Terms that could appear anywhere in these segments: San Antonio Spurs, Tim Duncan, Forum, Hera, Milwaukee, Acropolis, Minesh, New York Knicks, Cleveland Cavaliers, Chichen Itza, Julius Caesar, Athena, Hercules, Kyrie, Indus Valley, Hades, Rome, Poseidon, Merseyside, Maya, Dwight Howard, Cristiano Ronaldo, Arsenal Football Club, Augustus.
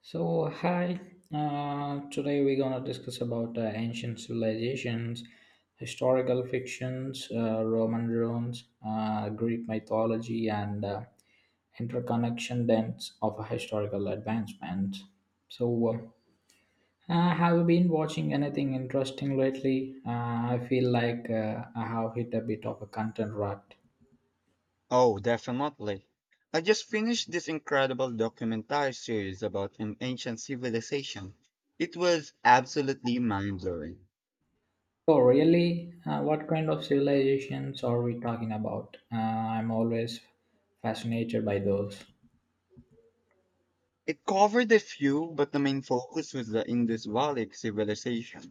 So hi, today we're gonna discuss about ancient civilizations, historical fictions, Roman ruins, Greek mythology, and interconnection dents of historical advancement. So, have you been watching anything interesting lately? I feel like I have hit a bit of a content rut. Oh, definitely. I just finished this incredible documentary series about an ancient civilization. It was absolutely mind-blowing. Oh, really? What kind of civilizations are we talking about? I'm always fascinated by those. It covered a few, but the main focus was the Indus Valley civilization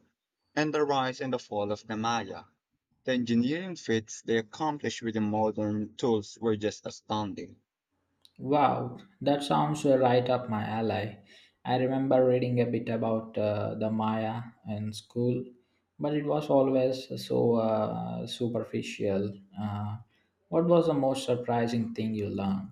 and the rise and the fall of the Maya. The engineering feats they accomplished with the modern tools were just astounding. Wow, that sounds right up my alley. I remember reading a bit about the Maya in school, but it was always so superficial. Uh, what was the most surprising thing you learned?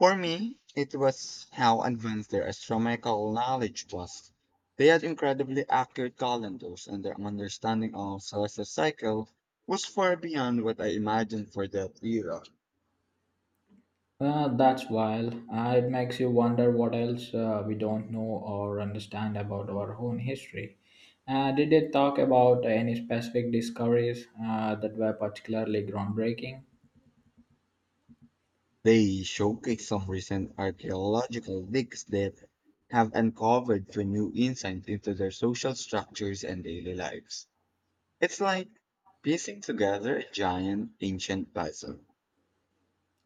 For me, it was how advanced their astronomical knowledge was. They had incredibly accurate calendars, and their understanding of celestial cycle was far beyond what I imagined for that era. That's wild. It makes you wonder what else we don't know or understand about our own history. Did they talk about any specific discoveries that were particularly groundbreaking? They showcased some recent archaeological digs that have uncovered for new insight into their social structures and daily lives. It's like piecing together a giant ancient puzzle.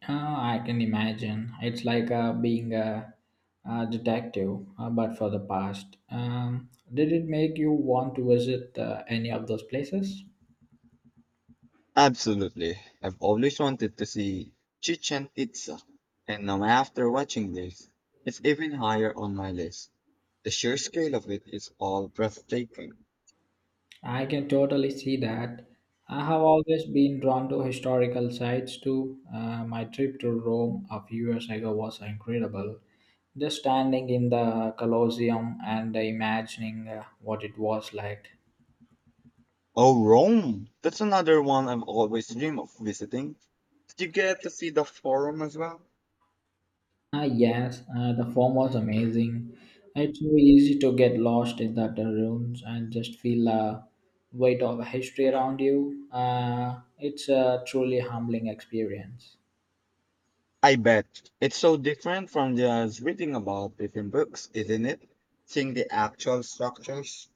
I can imagine. It's like being a detective, but for the past. Did it make you want to visit any of those places? Absolutely. I've always wanted to see Chichen Itza, and now after watching this, it's even higher on my list. The sheer scale of it is all breathtaking. I can totally see that. I have always been drawn to historical sites too. My trip to Rome a few years ago was incredible. Just standing in the Colosseum and imagining what it was like. Oh, Rome! That's another one I've always dreamed of visiting. Did you get to see the Forum as well? Ah, yes, the form was amazing. It's so easy to get lost in that rooms and just feel the weight of history around you. It's a truly humbling experience. I bet. It's so different from just reading about it in books, isn't it? Seeing the actual structures.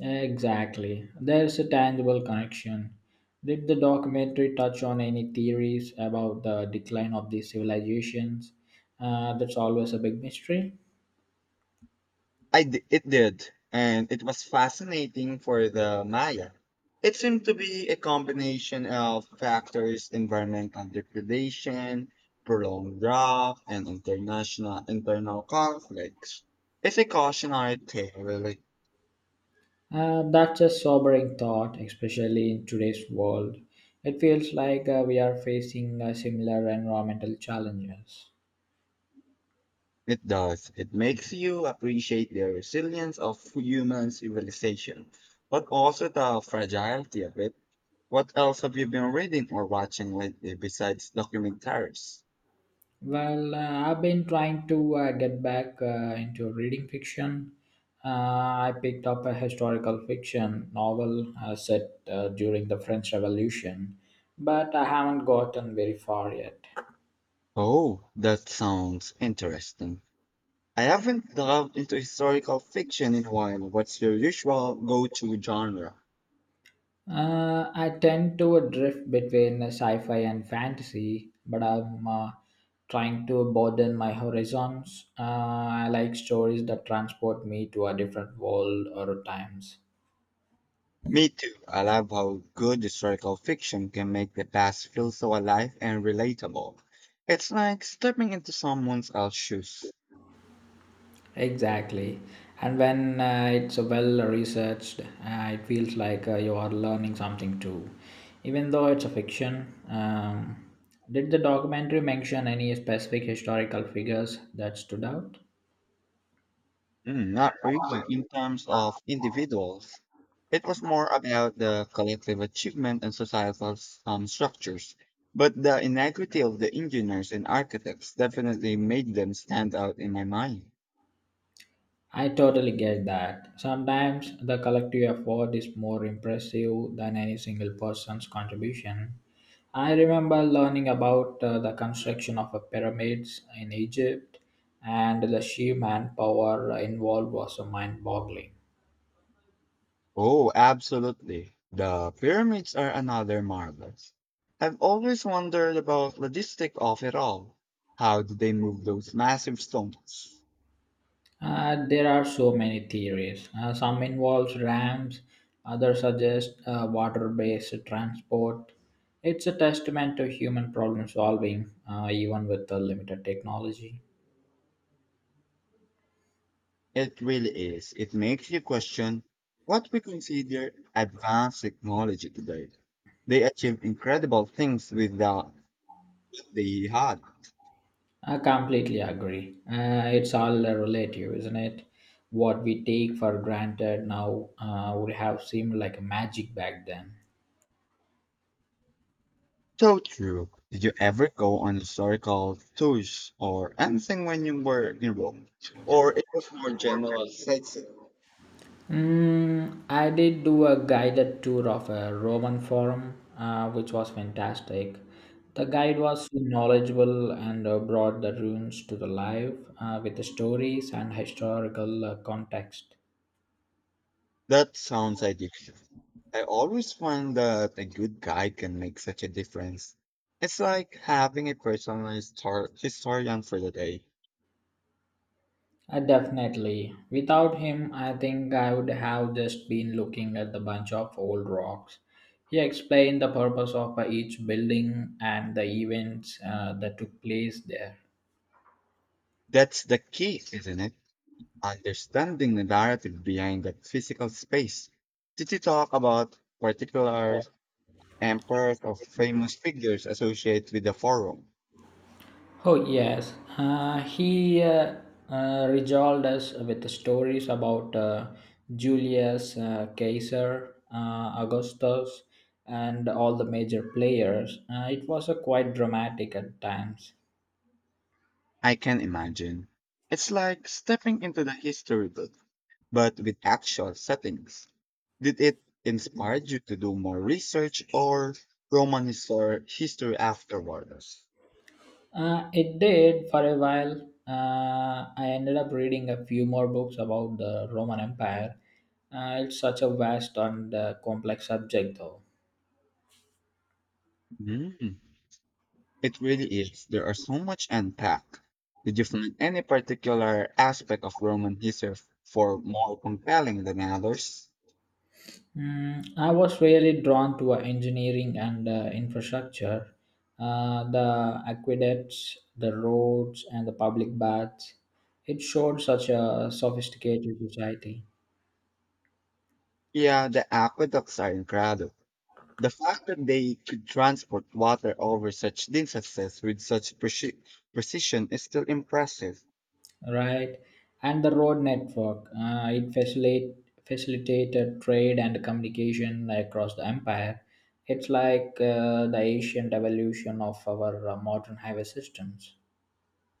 Exactly. There's a tangible connection. Did the documentary touch on any theories about the decline of these civilizations? That's always a big mystery. It did, and it was fascinating for the Maya. It seemed to be a combination of factors: environmental degradation, prolonged drought, and international internal conflicts. It's a cautionary tale, really. That's a sobering thought, especially in today's world. It feels like we are facing similar environmental challenges. It does. It makes you appreciate the resilience of human civilization, but also the fragility of it. What else have you been reading or watching lately besides documentaries? Well, I've been trying to get back into reading fiction. Uh, I picked up a historical fiction novel set during the French Revolution, but I haven't gotten very far yet. Oh, that sounds interesting. I haven't delved into historical fiction in a while. What's your usual go-to genre? I tend to drift between sci fi and fantasy, but I'm trying to broaden my horizons. I like stories that transport me to a different world or times. Me too. I love how good historical fiction can make the past feel so alive and relatable. It's like stepping into someone else's shoes. Exactly. And when it's well researched, it feels like you are learning something too, even though it's a fiction. Did the documentary mention any specific historical figures that stood out? Mm, not really in terms of individuals. It was more about the collective achievement and societal structures. But the inequity of the engineers and architects definitely made them stand out in my mind. I totally get that. Sometimes the collective effort is more impressive than any single person's contribution. I remember learning about the construction of a pyramids in Egypt, and the sheer manpower involved was so mind-boggling. Oh, absolutely. The pyramids are another marvel. I've always wondered about logistic of it all. How did they move those massive stones? There are so many theories. Some involves rams, others suggest water-based transport. It's a testament to human problem solving, even with the limited technology. It really is. It makes you question what we consider advanced technology today. They achieve incredible things without the, they had. I completely agree. It's all relative, isn't it? What we take for granted now would have seemed like magic back then. So true. Did you ever go on historical tours or anything when you were in Rome? Or it was more general sightseeing? Mm, I did do a guided tour of a Roman forum, which was fantastic. The guide was so knowledgeable and brought the ruins to the life with the stories and historical context. That sounds addictive. I always find that a good guide can make such a difference. It's like having a personal historian for the day. Definitely. Without him, I think I would have just been looking at the bunch of old rocks. He explained the purpose of each building and the events that took place there. That's the key, isn't it? Understanding the narrative behind that physical space. Did you talk about particular emperors or famous figures associated with the forum? Oh, yes. He regaled us with stories about Julius Caesar, Augustus, and all the major players. It was quite dramatic at times. I can imagine. It's like stepping into the history book, but with actual settings. Did it inspire you to do more research or Roman history afterwards? It did for a while. I ended up reading a few more books about the Roman Empire. It's such a vast and complex subject, though. Hmm. It really is. There are so much unpack. Did you find any particular aspect of Roman history for more compelling than others? Mm, I was really drawn to engineering and infrastructure, the aqueducts, the roads, and the public baths. It showed such a sophisticated society. Yeah, the aqueducts are incredible. The fact that they could transport water over such distances with such precision is still impressive. Right, and the road network, it facilitate facilitated trade and communication like across the empire. It's like the ancient evolution of our modern highway systems.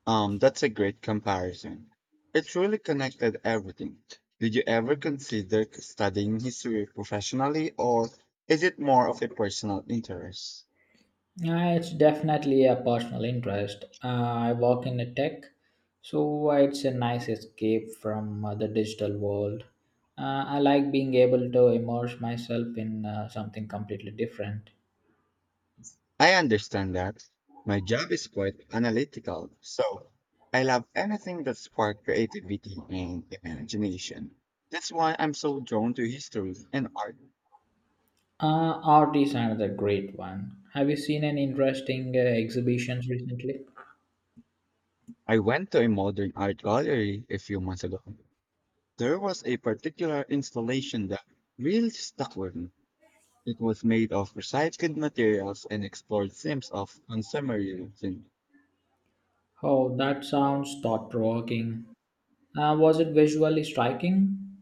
That's a great comparison. It really connected everything. Did you ever consider studying history professionally, or is it more of a personal interest? Yeah, it's definitely a personal interest. I work in the tech, so it's a nice escape from the digital world. I like being able to immerse myself in something completely different. I understand that. My job is quite analytical, so I love anything that sparks creativity and imagination. That's why I'm so drawn to history and art. Art is another great one. Have you seen any interesting exhibitions recently? I went to a modern art gallery a few months ago. There was a particular installation that really stuck with me. It was made of recycled materials and explored themes of consumerism. Oh, that sounds thought provoking. Was it visually striking?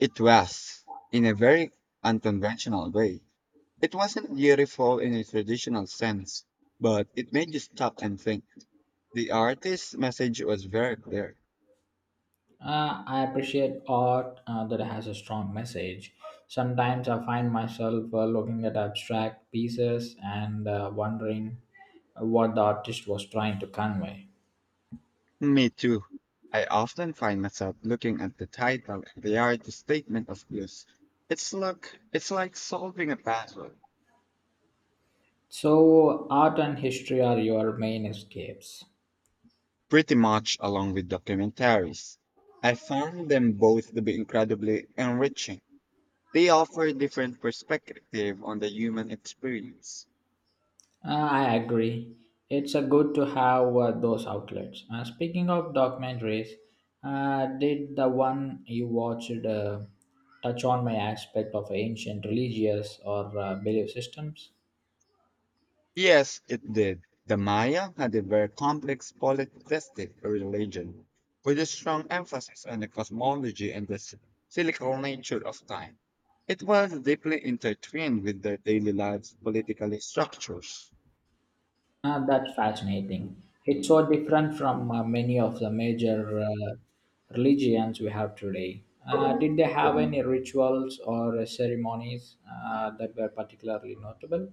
It was, in a very unconventional way. It wasn't beautiful in a traditional sense, but it made you stop and think. The artist's message was very clear. I appreciate art that has a strong message. Sometimes I find myself looking at abstract pieces and wondering what the artist was trying to convey. Me too. I often find myself looking at the title and the artist's statement of views. It's like it's like solving a puzzle, So, art and history are your main escapes. pretty much along with documentaries. I found them both to be incredibly enriching. They offer different perspective on the human experience. I agree. It's a good to have those outlets. Speaking of documentaries, did the one you watched touch on my aspect of ancient religious or belief systems? Yes, it did. The Maya had a very complex polytheistic religion with a strong emphasis on the cosmology and the cyclical nature of time. It was deeply intertwined with their daily lives, political structures. That's fascinating. It's so different from many of the major religions we have today. Did they have any rituals or ceremonies that were particularly notable?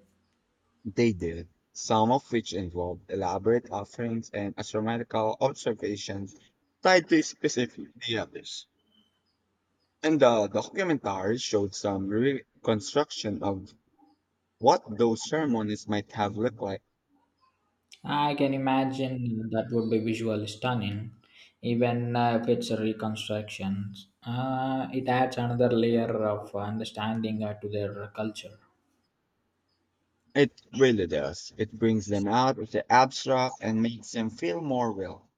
They did, some of which involved elaborate offerings and astronomical observations tied to specific deities. And the documentary showed some reconstruction of what those ceremonies might have looked like. I can imagine that would be visually stunning, even if it's a reconstruction. It adds another layer of understanding to their culture. It really does. It brings them out of the abstract and makes them feel more real.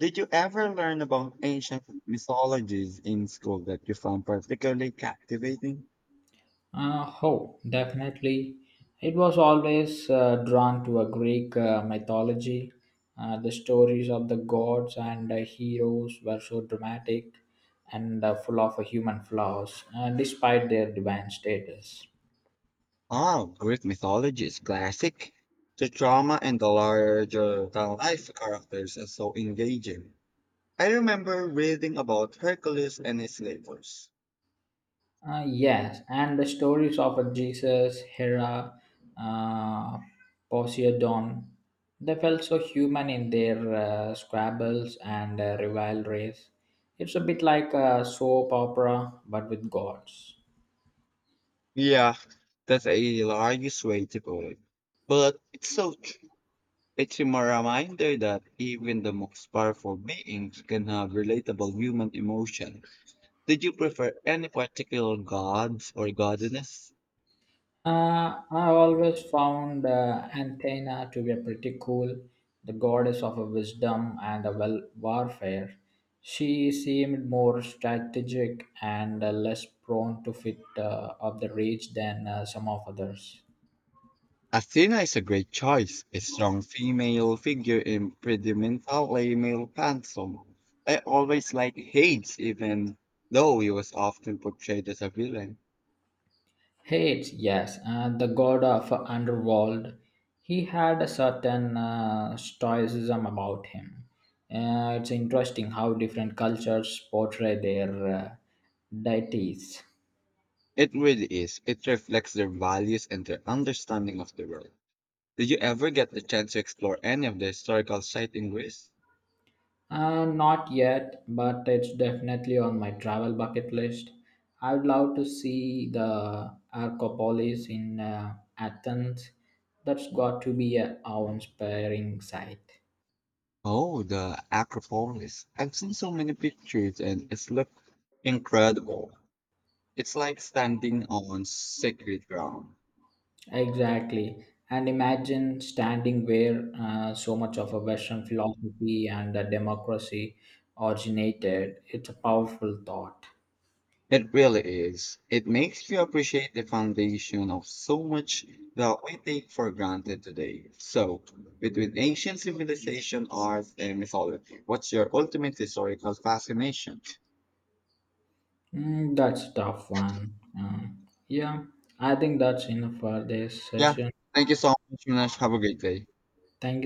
Did you ever learn about ancient mythologies in school that you found particularly captivating? Oh, definitely. It was always drawn to a Greek mythology. The stories of the gods and heroes were so dramatic and full of human flaws, despite their divine status. Oh, Greek mythology is classic. The drama and the larger than life characters are so engaging. I remember reading about Hercules and his labors. Yes, and the stories of a Jesus, Hera, uh, Poseidon, they felt so human in their squabbles and rivalries. It's a bit like a soap opera, but with gods. Yeah, that's a large way to put it. But it's so— it's a reminder that even the most powerful beings can have relatable human emotions. Did you prefer any particular gods or goddesses? I always found Antenna to be a pretty cool, the goddess of wisdom and a well warfare. She seemed more strategic and less prone to fit of the rage than some of others. Athena is a great choice, a strong female figure in predominantly male pantheon. I always liked Hades, even though he was often portrayed as a villain. Hades, yes, the god of underworld. He had a certain stoicism about him. It's interesting how different cultures portray their deities. It really is. It reflects their values and their understanding of the world. Did you ever get the chance to explore any of the historical sites in Greece? Not yet, but it's definitely on my travel bucket list. I would love to see the Arcopolis in Athens. That's got to be a awe-inspiring sight. Oh, the Acropolis. I've seen so many pictures and it's looked incredible. It's like standing on sacred ground. Exactly. And imagine standing where so much of a Western philosophy and a democracy originated. It's a powerful thought. It really is. It makes you appreciate the foundation of so much that we take for granted today. So, between ancient civilization, art, and mythology, what's your ultimate historical fascination? Mm, that's a tough one. Yeah, I think that's enough for this Yeah. session. Thank you so much, Minesh. Have a great day. Thank